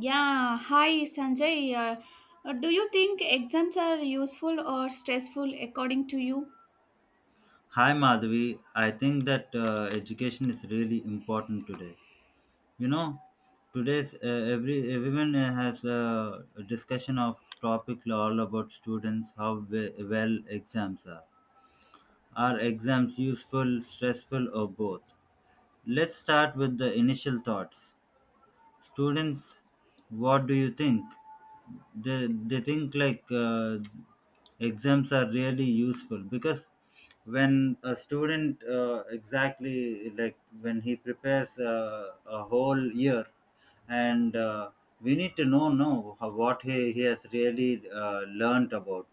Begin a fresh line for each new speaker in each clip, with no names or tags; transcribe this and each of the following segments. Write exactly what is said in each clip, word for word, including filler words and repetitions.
Yeah, hi Sanjay. Uh, uh, do you think exams are useful or stressful according to you?
Hi Madhavi, I think that uh, education is really important today. You know, today's uh, every everyone uh, has a discussion of topic all about students how we- well exams are. Are exams useful, stressful, or both? Let's start with the initial thoughts students, what do you think? They they think like uh, exams are really useful because when a student uh, exactly, like when he prepares uh, a whole year, and uh, we need to know know how, what he, he has really uh, learned about.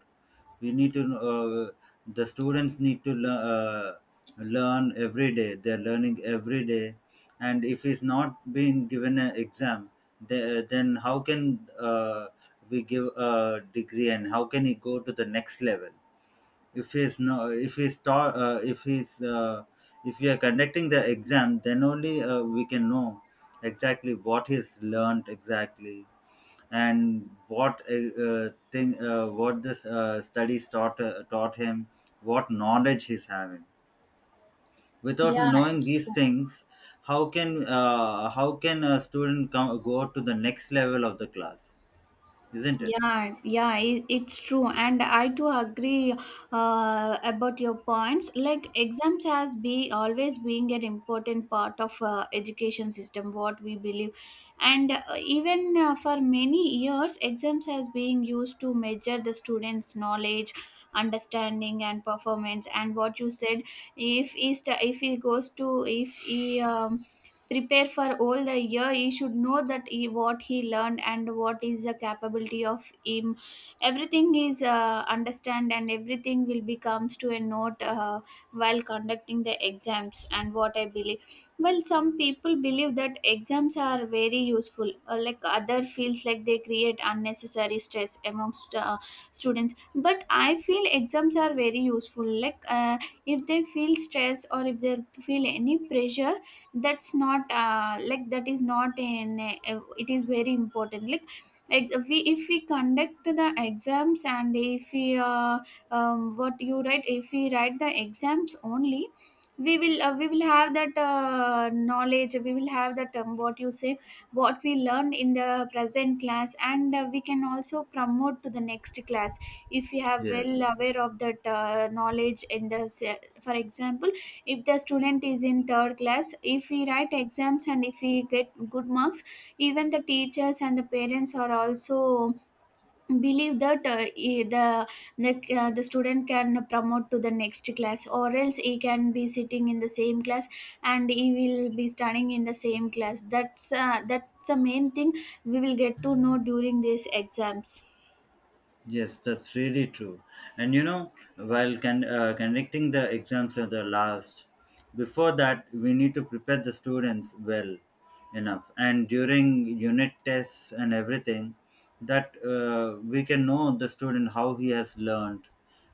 We need to uh, the students need to lear- uh, learn every day, they're learning every day. And if he's not being given an exam, the, then how can uh, we give a degree and how can he go to the next level? if he's no if he's ta- uh, if he's uh, if we are conducting the exam, then only uh, we can know exactly what he's learned exactly, and what uh, uh, thing uh, what this uh, studies taught uh, taught him, what knowledge he's having. Without
Yeah,
knowing
it's
these
true.
things, how can uh, how can a student come go to the next level of the class? Isn't it?
Yeah, yeah, it, it's true, and I too agree uh, about your points. Like exams has be always being an important part of uh, education system, what we believe, and uh, even uh, for many years, exams has been used to measure the students' knowledge, understanding, and performance. And what you said, if he st- if he goes to if he um, prepare for all the year he should know that he, what he learned and what is the capability of him, everything is uh, understand and everything will be comes to a note uh, while conducting the exams. And what I believe, well, some people believe that exams are very useful, uh, like other feels like they create unnecessary stress amongst uh, students, but I feel exams are very useful. Like uh, if they feel stress or if they feel any pressure, that's not uh, like that is not in a- it is very important. Like ex- we if we conduct the exams and if we uh, um, what you write, if we write the exams only, we will uh, we will have that uh, knowledge, we will have that um, what you say, what we learned in the present class, and uh, we can also promote to the next class if we have well
Yes.
aware of that uh, knowledge in the se- for example, if the student is in third class, if we write exams and if we get good marks, even the teachers and the parents are also believe that uh, e- the the, uh, the student can promote to the next class or else he can be sitting in the same class and he will be studying in the same class. That's uh, that's the main thing we will get to know during these exams.
Yes, that's really true. And you know, while con- uh, connecting the exams to the last, before that, we need to prepare the students well enough. And during unit tests and everything, that uh, we can know the student how he has learned.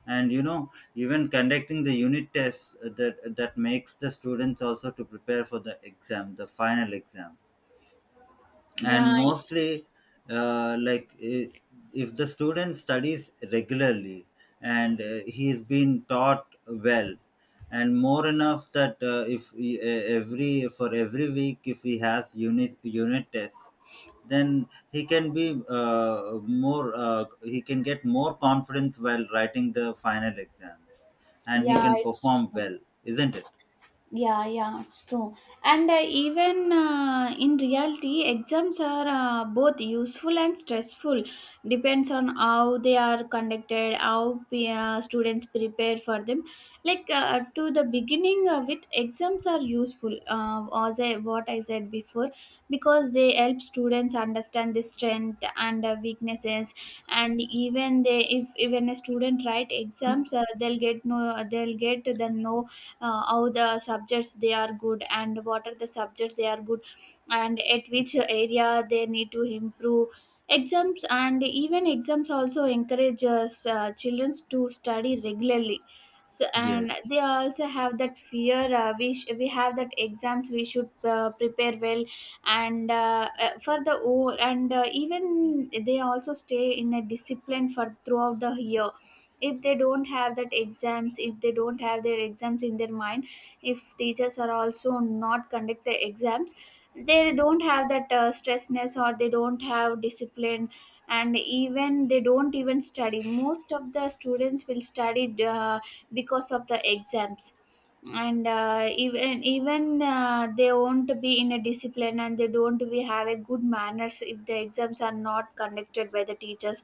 And you know, even conducting the unit tests, uh, that that makes the students also to prepare for the exam, the final exam. And
Yeah.
mostly uh, like i- if the student studies regularly and uh, he's been taught well and more enough, that uh, if he- e- every, for every week, if he has unit unit tests, then he can be uh, more uh, he can get more confidence while writing the final exam, and he
Yeah,
can
it's
perform
true.
well. Isn't it?
Yeah, yeah, it's true. And uh, even uh, in reality, exams are uh, both useful and stressful. Depends on how they are conducted, how pe- uh, students prepare for them. Like uh, to the beginning, uh, with exams are useful, uh, as I, what I said before, because they help students understand the strength and uh, weaknesses. And even they, if even a student write exams, uh, they'll get no, they'll get the know uh, how the subjects they are good and what are the subjects they are good and at which area they need to improve. Exams, and even exams also encourage us, uh, children to study regularly, so, and they
Yes.
also have that fear. uh, we, sh- we have that exams we should uh, prepare well, and uh, uh, for the o, and uh, even they also stay in a discipline for throughout the year. If they don't have that exams, if they don't have their exams in their mind, if teachers are also not conduct the exams, they don't have that uh, stressness, or they don't have discipline, and even they don't even study. Most of the students will study uh, because of the exams. And uh, even even uh, they won't be in a discipline and they don't be have a good manners if the exams are not conducted by the teachers.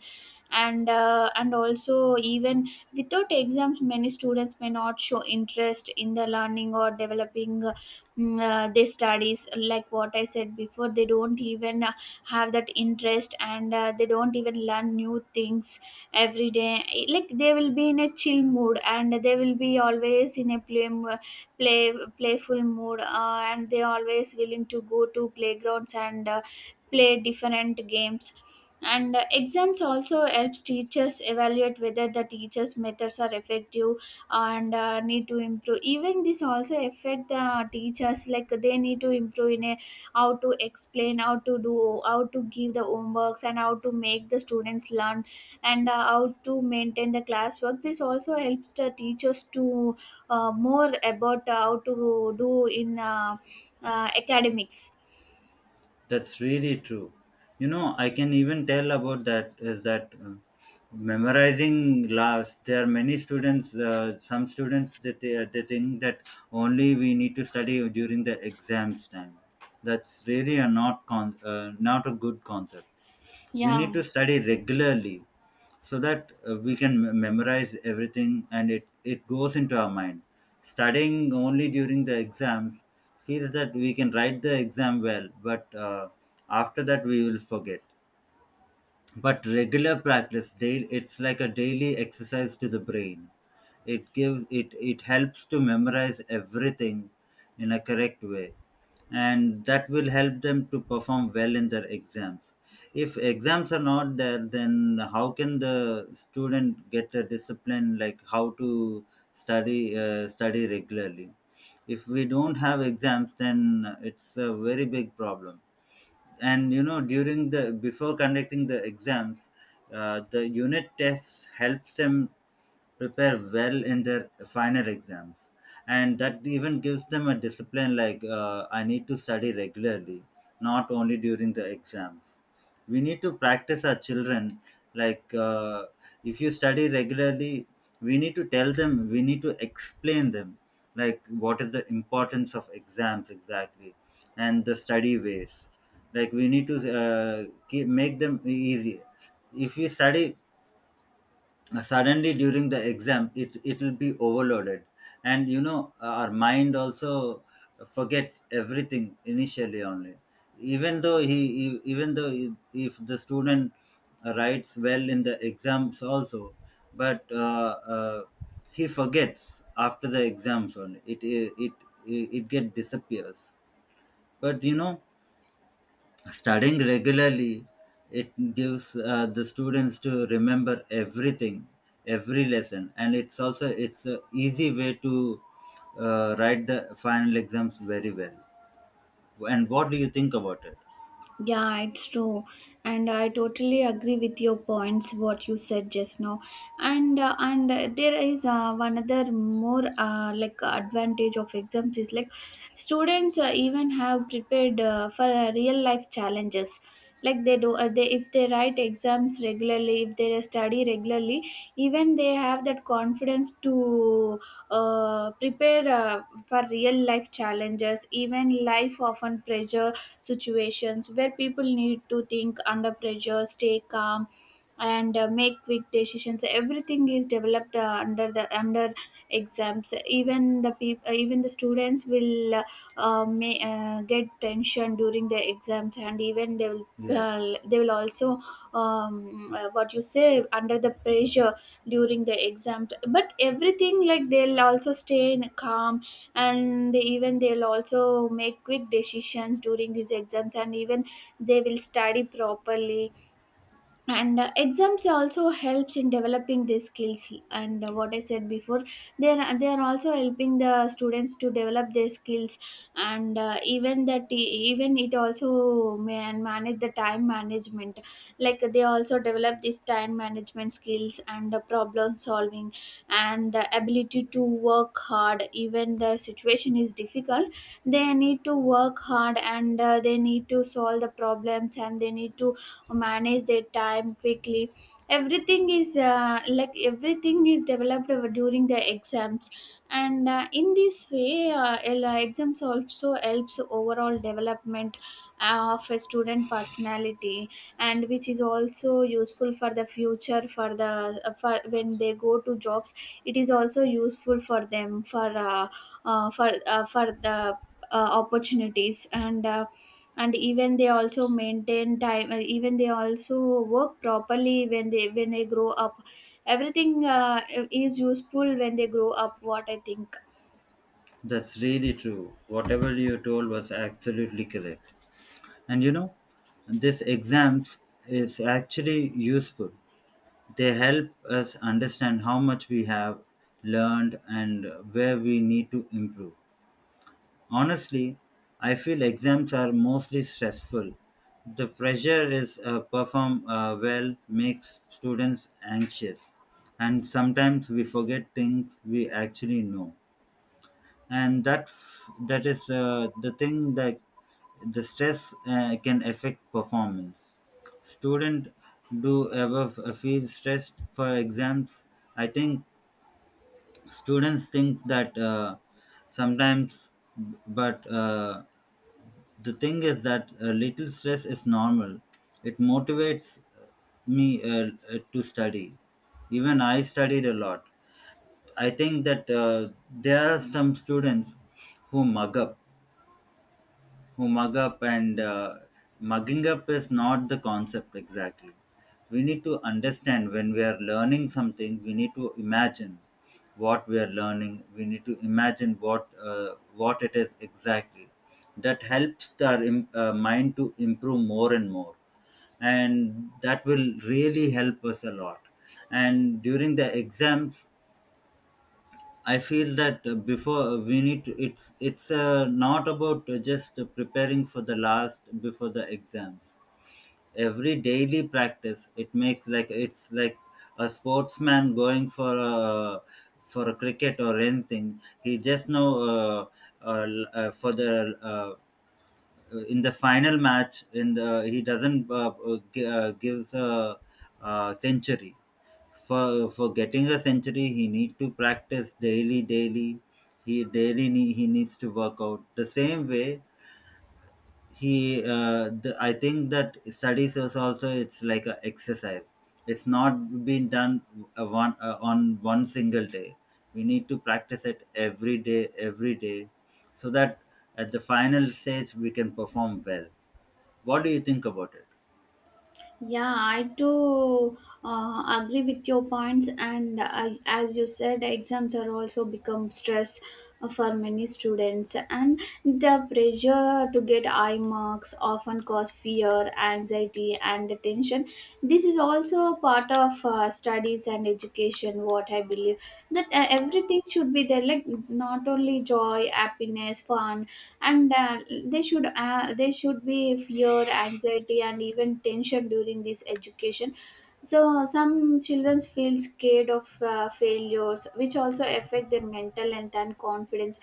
And uh, and also, even without exams, many students may not show interest in the learning or developing uh, mm, uh, their studies, like what I said before. They don't even uh, have that interest, and uh, they don't even learn new things every day. Like, they will be in a chill mood and they will be always in a play mo- play playful mood, uh, and they always willing to go to playgrounds and uh, play different games. And uh, exams also helps teachers evaluate whether the teachers methods are effective and uh, need to improve. Even this also affect the teachers, like they need to improve in a how to explain, how to do, how to give the homeworks, and how to make the students learn, and uh, how to maintain the classwork. This also helps the teachers to uh, more about how to do in uh, uh, academics.
That's really true. You know, I can even tell about that, is that uh, memorizing last. There are many students. Uh, some students, that they, they think that only we need to study during the exams time. That's really a not con- uh, not a good concept. We need
Yeah.
to study regularly so that uh, we can me- memorize everything and it, it goes into our mind. Studying only during the exams feels that we can write the exam well, but uh, after that we will forget. But regular practice, daily, it's like a daily exercise to the brain. It gives it it helps to memorize everything in a correct way, and that will help them to perform well in their exams. If exams are not there, then how can the student get a discipline, like how to study uh, study regularly? If we don't have exams, then it's a very big problem. And you know, during the before conducting the exams, uh, the unit tests helps them prepare well in their final exams, and that even gives them a discipline, like uh, I need to study regularly, not only during the exams. We need to practice our children, like uh, if you study regularly, we need to tell them, we need to explain them like what is the importance of exams exactly, and the study ways. Like we need to uh, keep, make them easy. If we study uh, suddenly during the exam, it it'll be overloaded. And you know, our mind also forgets everything initially only, even though he e- even though I- if the student writes well in the exams also, but uh, uh, he forgets after the exams only, it it it, it get disappears. But you know, studying regularly, it gives uh, the students to remember everything, every lesson, and it's also it's a easy way to uh, write the final exams very well. And what do you think about it?
Yeah, it's true. And I totally agree with your points, what you said just now. And uh, and uh, there is uh, one other more uh, like advantage of exams is like students uh, even have prepared uh, for uh, real life challenges. Like they do, uh, they if they write exams regularly, if they study regularly, even they have that confidence to uh, prepare uh, for real life challenges. Even life often pressure situations where people need to think under pressure, stay calm, and uh, make quick decisions. Everything is developed uh, under the under exams. Even the people, even the students will uh, uh, may, uh, get tension during the exams, and even they will.
Yes,
Uh, they will also um, uh, what you say under the pressure during the exam, but everything like they'll also stay in calm, and they even they'll also make quick decisions during these exams, and even they will study properly. And uh, exams also helps in developing these skills, and uh, what I said before, they are they are also helping the students to develop their skills. And uh, even that e, even it also man manage the time management, like they also develop this time management skills and uh, problem solving and the ability to work hard even the situation is difficult. They need to work hard and uh, they need to solve the problems and they need to or manage their time quickly. Everything is uh, Like everything is developed over- during the exams. And uh, in this way uh, el- uh, exams also helps overall development uh, of a student personality, and which is also useful for the future, for the uh, for when they go to jobs. It is also useful for them for uh, uh, for uh, for the uh, opportunities, and uh, and even they also maintain time, uh, even they also work properly when they when they grow up. Everything uh, is useful when they grow up, what I think.
that's really true. Whatever you told was absolutely correct. And you know, this exams is actually useful. They help us understand how much we have learned and where we need to improve. Honestly, I feel exams are mostly stressful. The pressure is uh, perform uh, well, makes students anxious, and sometimes we forget things we actually know, and that f- that is uh, the thing that the stress uh, can affect performance. Student do ever f- feel stressed for exams? I think students think that uh, sometimes, but. Uh, the thing is that a little stress is normal. It motivates me uh, uh, to study. Even I studied a lot. I think that uh, there are some students who mug up, who mug up, and uh, mugging up is not the concept exactly. We need to understand, when we are learning something, we need to imagine what we are learning. We need to imagine what uh, what it is exactly. That helps our im- uh, mind to improve more and more, and that will really help us a lot. And during the exams, I feel that uh, before uh, we need to, it's it's uh, not about uh, just preparing for the last before the exams. Every daily practice, it makes like, it's like a sportsman going for a for a cricket or anything. He just know uh, uh, l- uh, for the uh, uh, in the final match, in the he doesn't uh, uh, gi- uh, gives a, uh century. For for getting a century, he need to practice daily daily. He daily nee- he needs to work out. The same way he uh, the, I think that studies is also, it's like a exercise. It's not been done a one uh, on one single day. We need to practice it every day every day, so that at the final stage we can perform well. What do you think about it?
Yeah, I too uh, agree with your points, and I, as you said, exams are also become stress uh, for many students, and the pressure to get high marks often cause fear, anxiety, and tension. This is also a part of uh, studies and education. What I believe that uh, everything should be there, like not only joy, happiness, fun, and uh, they should uh, they should be fear, anxiety, and even tension during this education. So some children feel scared of uh, failures, which also affect their mental health and confidence.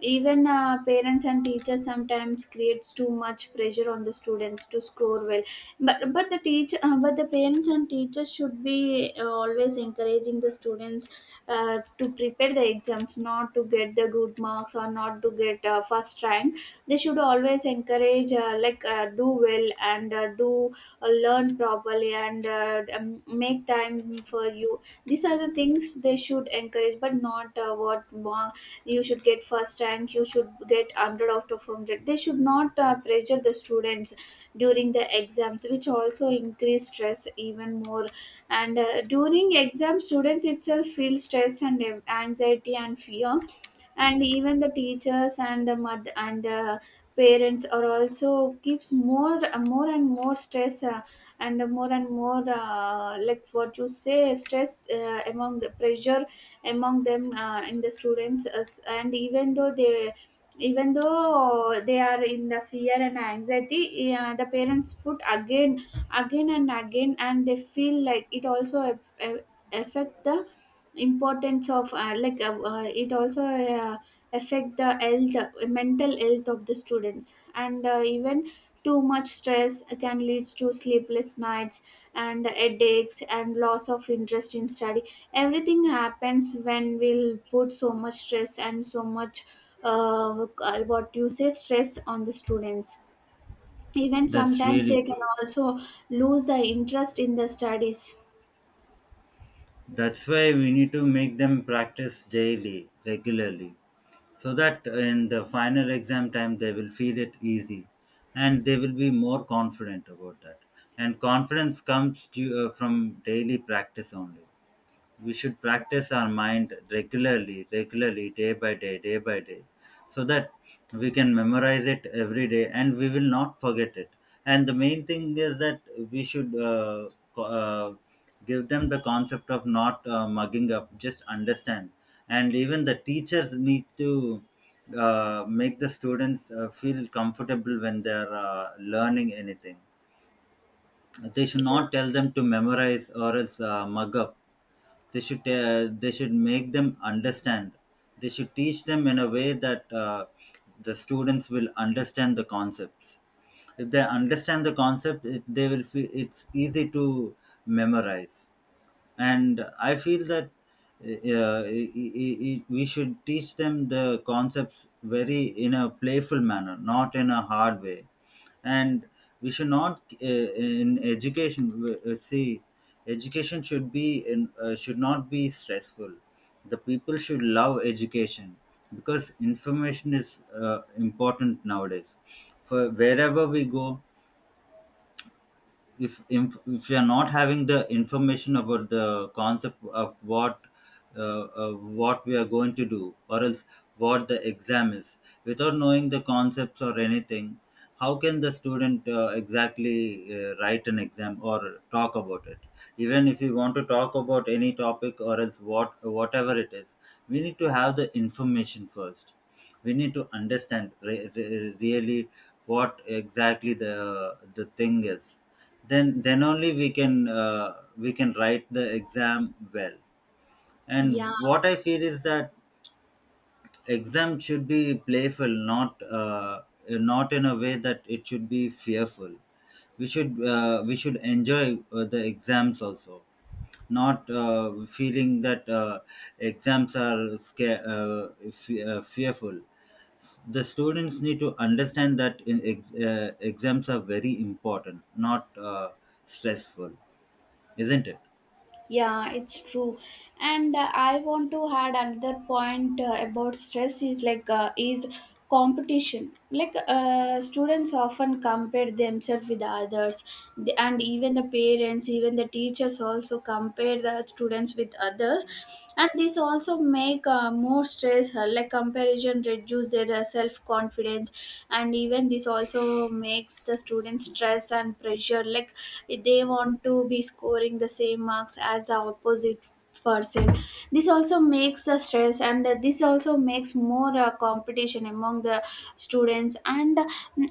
Even uh, parents and teachers sometimes creates too much pressure on the students to score well. But but the teach, uh, but the parents and teachers should be uh, always encouraging the students uh, to prepare the exams, not to get the good marks or not to get uh, first rank. They should always encourage uh, like uh, do well and uh, do uh, learn properly and uh, um, make time for you. These are the things they should encourage, but not uh, what ma- you should get first rank, you should get a hundred out of a hundred. They should not uh, pressure the students during the exams, which also increase stress even more. And uh, during exam students itself feel stress and an- anxiety and fear, and even the teachers and the mother and the parents are also keeps more more and more stress, uh, and more and more uh, like what you say stress uh, among the pressure among them uh, in the students as-, and even though they, even though they are in the fear and anxiety, uh, the parents put again, again and again, and they feel like it also aff- aff- affect the importance of uh, like uh, uh, it also uh, affect the health, uh, mental health of the students, and uh, even too much stress can leads to sleepless nights and headaches and loss of interest in study. Everything happens when we'll put so much stress and so much uh, uh, what you say stress on the students. Even
That's
sometimes
really
they can
true.
also lose the interest in the studies.
That's why we need to make them practice daily, regularly, so that in the final exam time they will feel it easy and they will be more confident about that. And confidence comes to, uh, from daily practice only. We should practice our mind regularly regularly, day by day day by day, so that we can memorize it every day and we will not forget it. And the main thing is that we should uh, co- uh, give them the concept of not uh, mugging up, just understand. And even the teachers need to uh, make the students uh, feel comfortable when they're uh, learning anything. They should not tell them to memorize or else uh, mug up. They should uh, they should make them understand. They should teach them in a way that uh, the students will understand the concepts. If they understand the concept, it, they will feel it's easy to memorize. And I feel that uh, i- i- i- we should teach them the concepts very in a playful manner, not in a hard way. And we should not uh, in education w- uh, see education should be in, uh, should not be stressful. The people should love education, because information is uh, important nowadays. For wherever we go, if if, if you are not having the information about the concept of what uh, uh, what we are going to do, or else what the exam is, without knowing the concepts or anything, how can the student uh, exactly uh, write an exam or talk about it? Even if we want to talk about any topic or else what whatever it is, we need to have the information first. We need to understand re- re- really what exactly the the thing is. Then then only we can uh, we can write the exam well. And what I feel is that exam should be playful, not uh, not in a way that it should be fearful. We should uh, we should enjoy uh, the exams also, not uh, feeling that uh, exams are sca- uh, fe- uh, fearful. The students need to understand that in ex- uh, exams are very important, not uh, stressful. Isn't it?
Yeah, it's true. And uh, I want to add another point uh, about stress is like uh, is competition. Like uh, students often compare themselves with others, The- and even the parents, even the teachers also compare the students with others, and this also make uh, more stress. uh, Like comparison reduce their uh, self confidence, and even this also makes the students stress and pressure. Like they want to be scoring the same marks as the opposite person. This also makes the stress, and this also makes more uh, competition among the students. and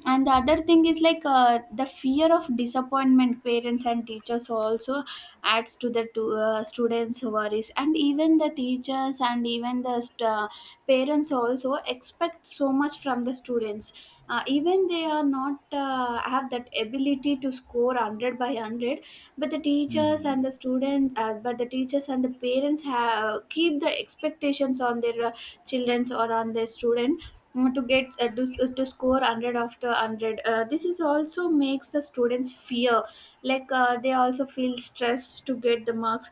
and the other thing is like uh, the fear of disappointment parents and teachers also adds to the to, uh, students worries. And even the teachers and even the st- uh, parents also expect so much from the students, uh, even they are not uh, have that ability to score one hundred by one hundred. But the teachers and
Hmm.
the students uh, but the teachers and the parents have keep the expectations on their uh, children's or on their student, mm, to get uh, to, uh, to score one hundred after one hundred. Uh, this is also makes the students fear, like uh, they also feel stress to get the marks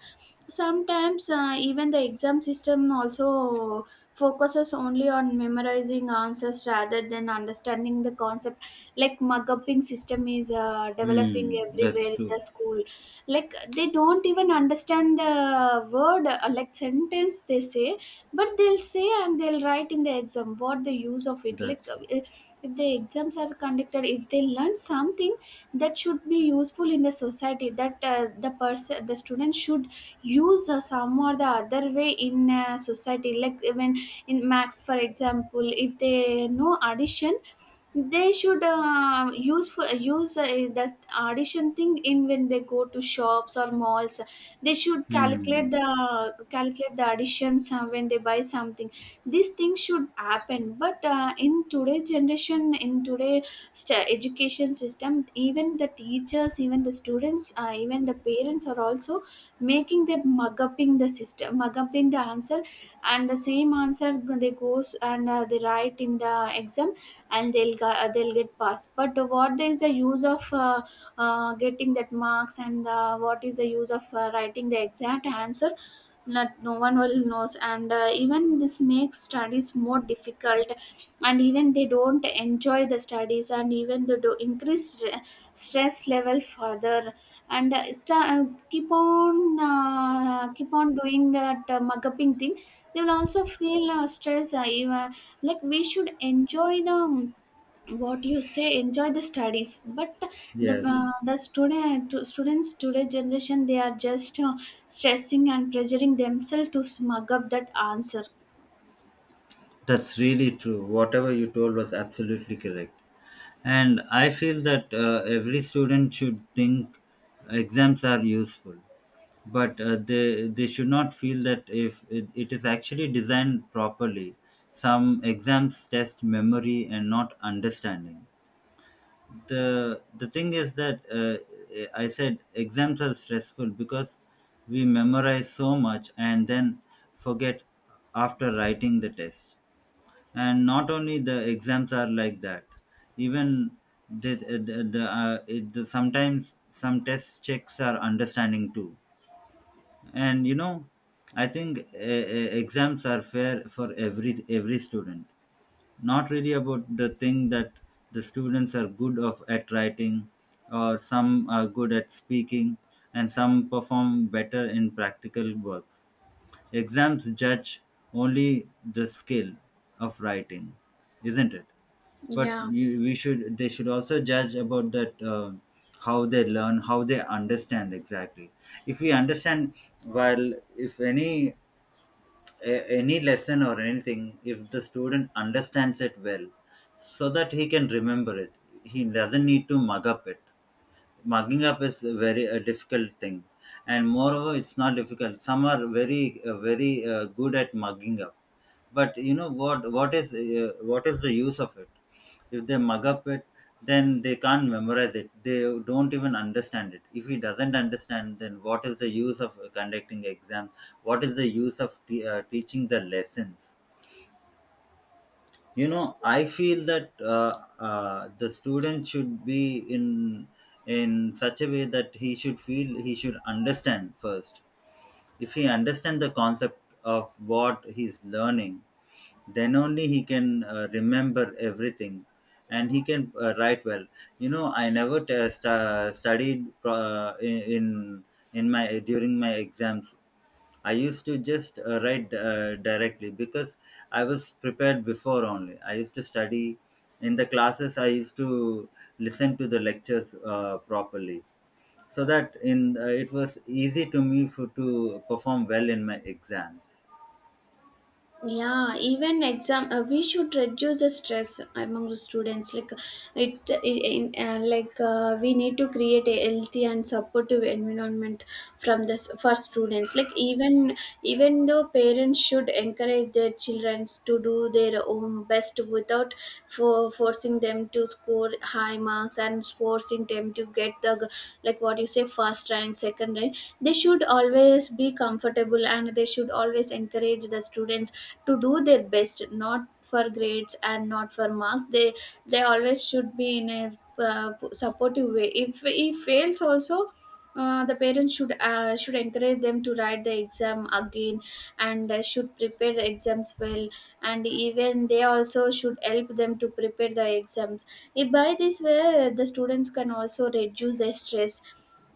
sometimes. Uh, even the exam system also focuses only on memorizing answers rather than understanding the concept. Like muguping system is uh, developing
Hmm. That's
everywhere in the
true.
school. Like they don't even understand the word uh, like sentence they say, but they'll say and they'll write in the exam. What the use of it? Like
That's
uh,
true.
if the exams are conducted, if they learn something that should be useful in the society, that uh, the person the student should use uh, some or the other way in uh, society. Like when in max, for example, if they know addition, they should uh, use for use uh, that addition thing in when they go to shops or malls. They should
Hmm.
calculate the calculate the additions uh, when they buy something. These things should happen, but uh, in today's generation, in today st- education system, even the teachers, even the students, uh, even the parents are also making them mug upping the system, mug upping the answer and the same answer. They goes and uh, they write in the exam, and they'll go- uh, they'll get passed. But what is the use of uh, uh, getting that marks? And uh, what is the use of uh, writing the exact answer? Not no one will knows. And uh, even this makes studies more difficult, and even they don't enjoy the studies, and even they do increase stre- stress level further. And uh, sta- uh, keep on uh, keep on doing that uh, mugging thing. They will also feel uh, stress uh, even, like we should enjoy the um, what you say enjoy the studies. But the
Yes,
uh, the student to students today generation, they are just uh, stressing and pressuring themselves to smug up that answer.
that's really true. Whatever you told was absolutely correct. And I feel that uh, every student should think exams are useful, but uh, they they should not feel that if it, it is actually designed properly. Some exams test memory and not understanding. The the thing is that uh, I said exams are stressful because we memorize so much and then forget after writing the test. And not only the exams are like that, even the the, the, uh, it, the sometimes some test checks are understanding too. And you know, I think uh, uh, exams are fair for every every student. Not really about the thing that the students are good of at writing, or some are good at speaking, and some perform better in practical works. Exams judge only the skill of writing, isn't it? But
Yeah.
you, we should, they should also judge about that uh, how they learn, how they understand exactly. If we understand, while if any a- any lesson or anything, if the student understands it well, so that he can remember it, he doesn't need to mug up it. Mugging up is very a difficult thing, and moreover it's not difficult. Some are very uh, very uh, good at mugging up. But you know, what what is uh, what is the use of it? If they mug up it, then they can't memorize it, they don't even understand it. If he doesn't understand, then what is the use of conducting exam? What is the use of t- uh, teaching the lessons? You know, I feel that uh, uh, the student should be in in such a way that he should feel, he should understand first. If he understand the concept of what he's learning, then only he can uh, remember everything and he can uh, write well. You know, I never test, uh, studied pro- uh, in in my during my exams. I used to just uh, write uh, directly because I was prepared before only. I used to study in the classes. I used to listen to the lectures uh, properly, so that in uh, it was easy to me for to perform well in my exams.
Yeah, even exam uh, we should reduce the stress among the students. Like it, it in, uh, like uh, we need to create a healthy and supportive environment from this for students. Like even, even though parents should encourage their children to do their own best without for forcing them to score high marks and forcing them to get the g- like what you say, first rank, second rank. They should always be comfortable, and they should always encourage the students to do their best, not for grades and not for marks. they they always should be in a uh, supportive way. If he fails also, uh, the parents should uh, should encourage them to write the exam again and uh, should prepare the exams well. And even they also should help them to prepare the exams. If by this way, the students can also reduce their stress.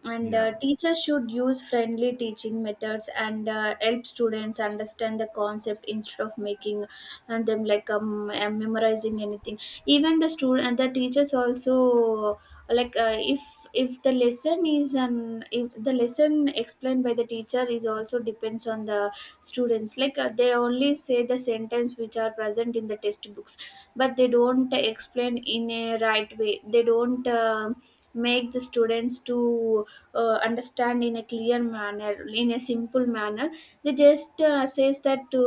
And
Yeah,
uh, teachers should use friendly teaching methods and uh, help students understand the concept instead of making uh, them like um, uh, memorizing anything. Even the student and the teachers also, like uh, if if the lesson is an, if the lesson explained by the teacher is also depends on the students. Like uh, they only say the sentence which are present in the textbooks, but they don't explain in a right way. They don't um make the students to uh, understand in a clear manner, in a simple manner. They just uh, says that to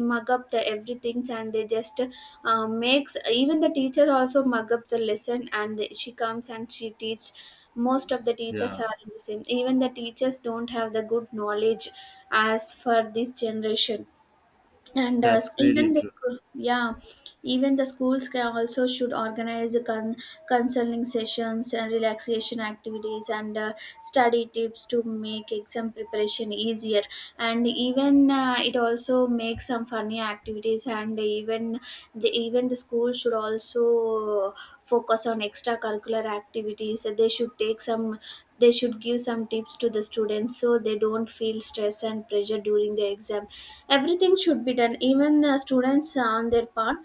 mug up the everything, and they just uh, makes even the teacher also mug up the lesson. And she comes and she teach. Most of the teachers
yeah,
are in the same, even the teachers don't have the good knowledge as for this generation. And uh,
that's really
even the
true.
school, yeah. Even the schools can also should organize con- counseling sessions and relaxation activities and uh, study tips to make exam preparation easier. And even uh, it also makes some funny activities. And even the, even the school should also focus on extracurricular activities. They should take some, they should give some tips to the students so they don't feel stress and pressure during the exam. Everything should be done. Even the students uh, on their part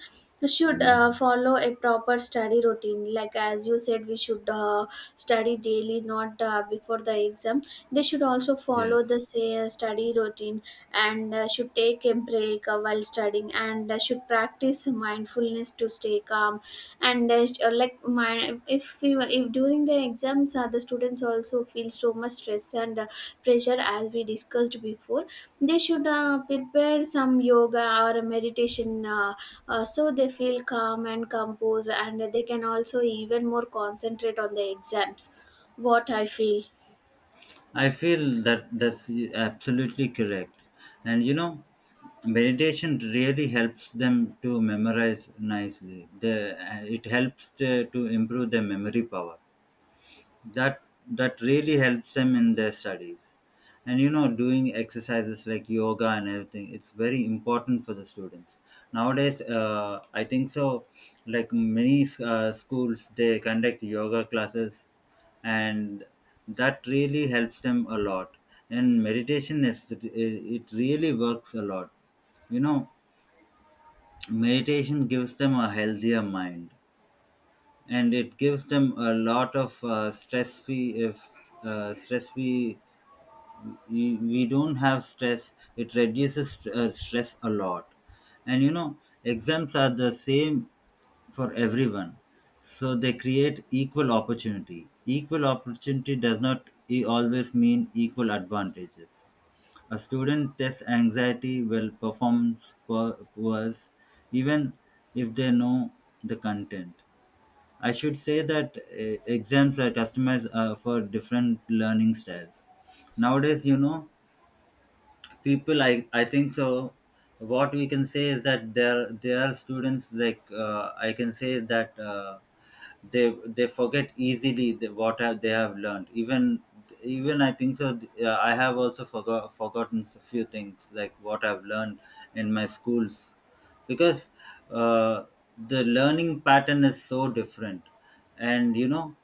should uh, follow a proper study routine, like as you said we should uh, study daily, not uh, before the exam. They should also follow
Yes.
the say, uh, study routine. And uh, should take a break uh, while studying, and uh, should practice mindfulness to stay calm. And uh, sh- uh, like my if we were- if during the exams uh, the students also feel so much stress and uh, pressure as we discussed before, they should uh, prepare some yoga or meditation, uh, uh, so they feel calm and composed, and they can also even more concentrate on the exams. What I feel.
I feel that that's absolutely correct. And you know, meditation really helps them to memorize nicely. The, it helps to, to improve their memory power. That that really helps them in their studies. And you know, doing exercises like yoga and everything, it's very important for the students nowadays, uh, I think so. Like many uh, schools, they conduct yoga classes, and that really helps them a lot. And meditation is it it really works a lot. You know, meditation gives them a healthier mind, and it gives them a lot of uh, stress free. If uh, stress free, we, we don't have stress. It reduces uh, stress a lot. And you know, exams are the same for everyone, so they create equal opportunity. Equal opportunity does not e- always mean equal advantages. A student test anxiety will perform wor- worse, even if they know the content. I should say that uh, exams are customized uh, for different learning styles. Nowadays, you know, people, I, I think so. What we can say is that there there are students like uh, I can say that. Uh, they they forget easily the, what have they have learned. Even even I think so, uh, I have also forgot forgotten a few things, like what I've learned in my schools. Because uh, the learning pattern is so different. And you know,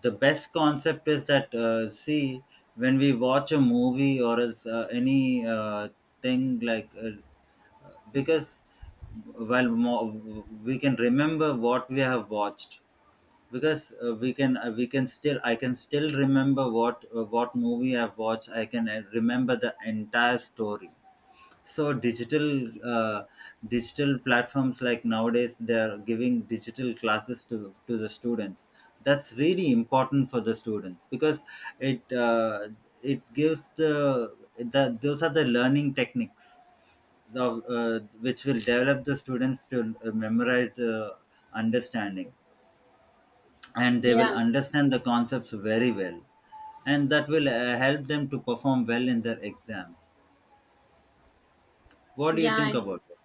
the best concept is that uh, see, when we watch a movie or else uh, any uh, thing, like uh, because while mo- we can remember what we have watched. Because uh, we can uh, we can still, I can still remember what uh, what movie I've watched. I can uh, remember the entire story. So digital uh, digital platforms, like nowadays they are giving digital classes to to the students. That's really important for the student because it uh, it gives the, the those are the learning techniques of, uh, which will develop the students to uh, memorize the understanding, and they will
Yeah
understand the concepts very well. And that will uh, help them to perform well in their exams. What do you
yeah.
think about it?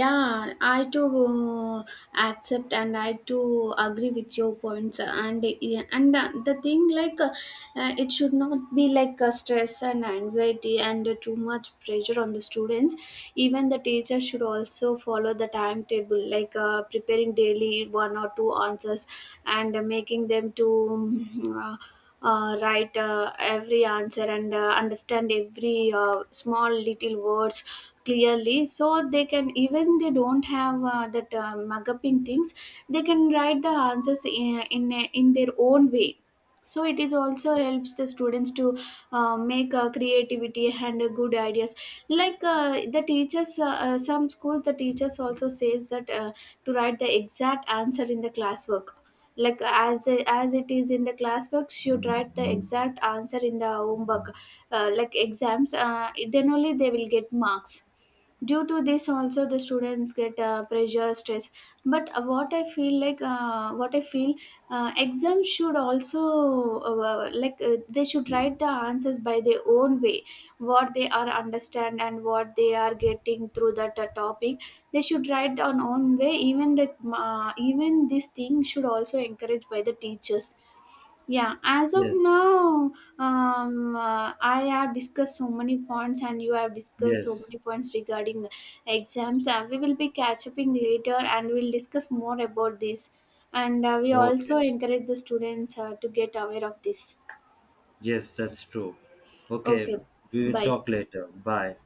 Yeah, I too uh, accept, and I too agree with your points. And yeah, and uh, the thing like uh, uh, it should not be like uh, stress and anxiety and uh, too much pressure on the students. Even the teacher should also follow the timetable, like uh, preparing daily one or two answers and uh, making them to. Mm, Uh, uh, write uh, every answer and uh, understand every uh, small little words clearly, so they can, even they don't have uh, that uh, mugging things, they can write the answers in, in in their own way. So it is also helps the students to uh, make uh, creativity and uh, good ideas. Like uh, the teachers uh, uh, some schools, the teachers also says that uh, to write the exact answer in the classwork. Like as as it is in the classwork, you write the exact answer in the homework, uh, like exams, uh, then only they will get marks. Due to this also the students get uh, pressure stress. But uh, what I feel, like uh, what I feel uh, exams should also, uh, like uh, they should write the answers by their own way, what they are understand and what they are getting through that uh, topic. They should write on own way. Even the, uh, even this thing should also encouraged by the teachers. Yeah, as of
Yes.
now, um uh, I have discussed so many points and you have discussed so
Yes.
many points regarding exams. Uh, we will be catch up in later, and we'll discuss more about this. And uh, we also
Okay.
encourage the students uh, to get aware of this.
Yes, that's true.
Okay,
Okay. We will
bye.
talk later. Bye.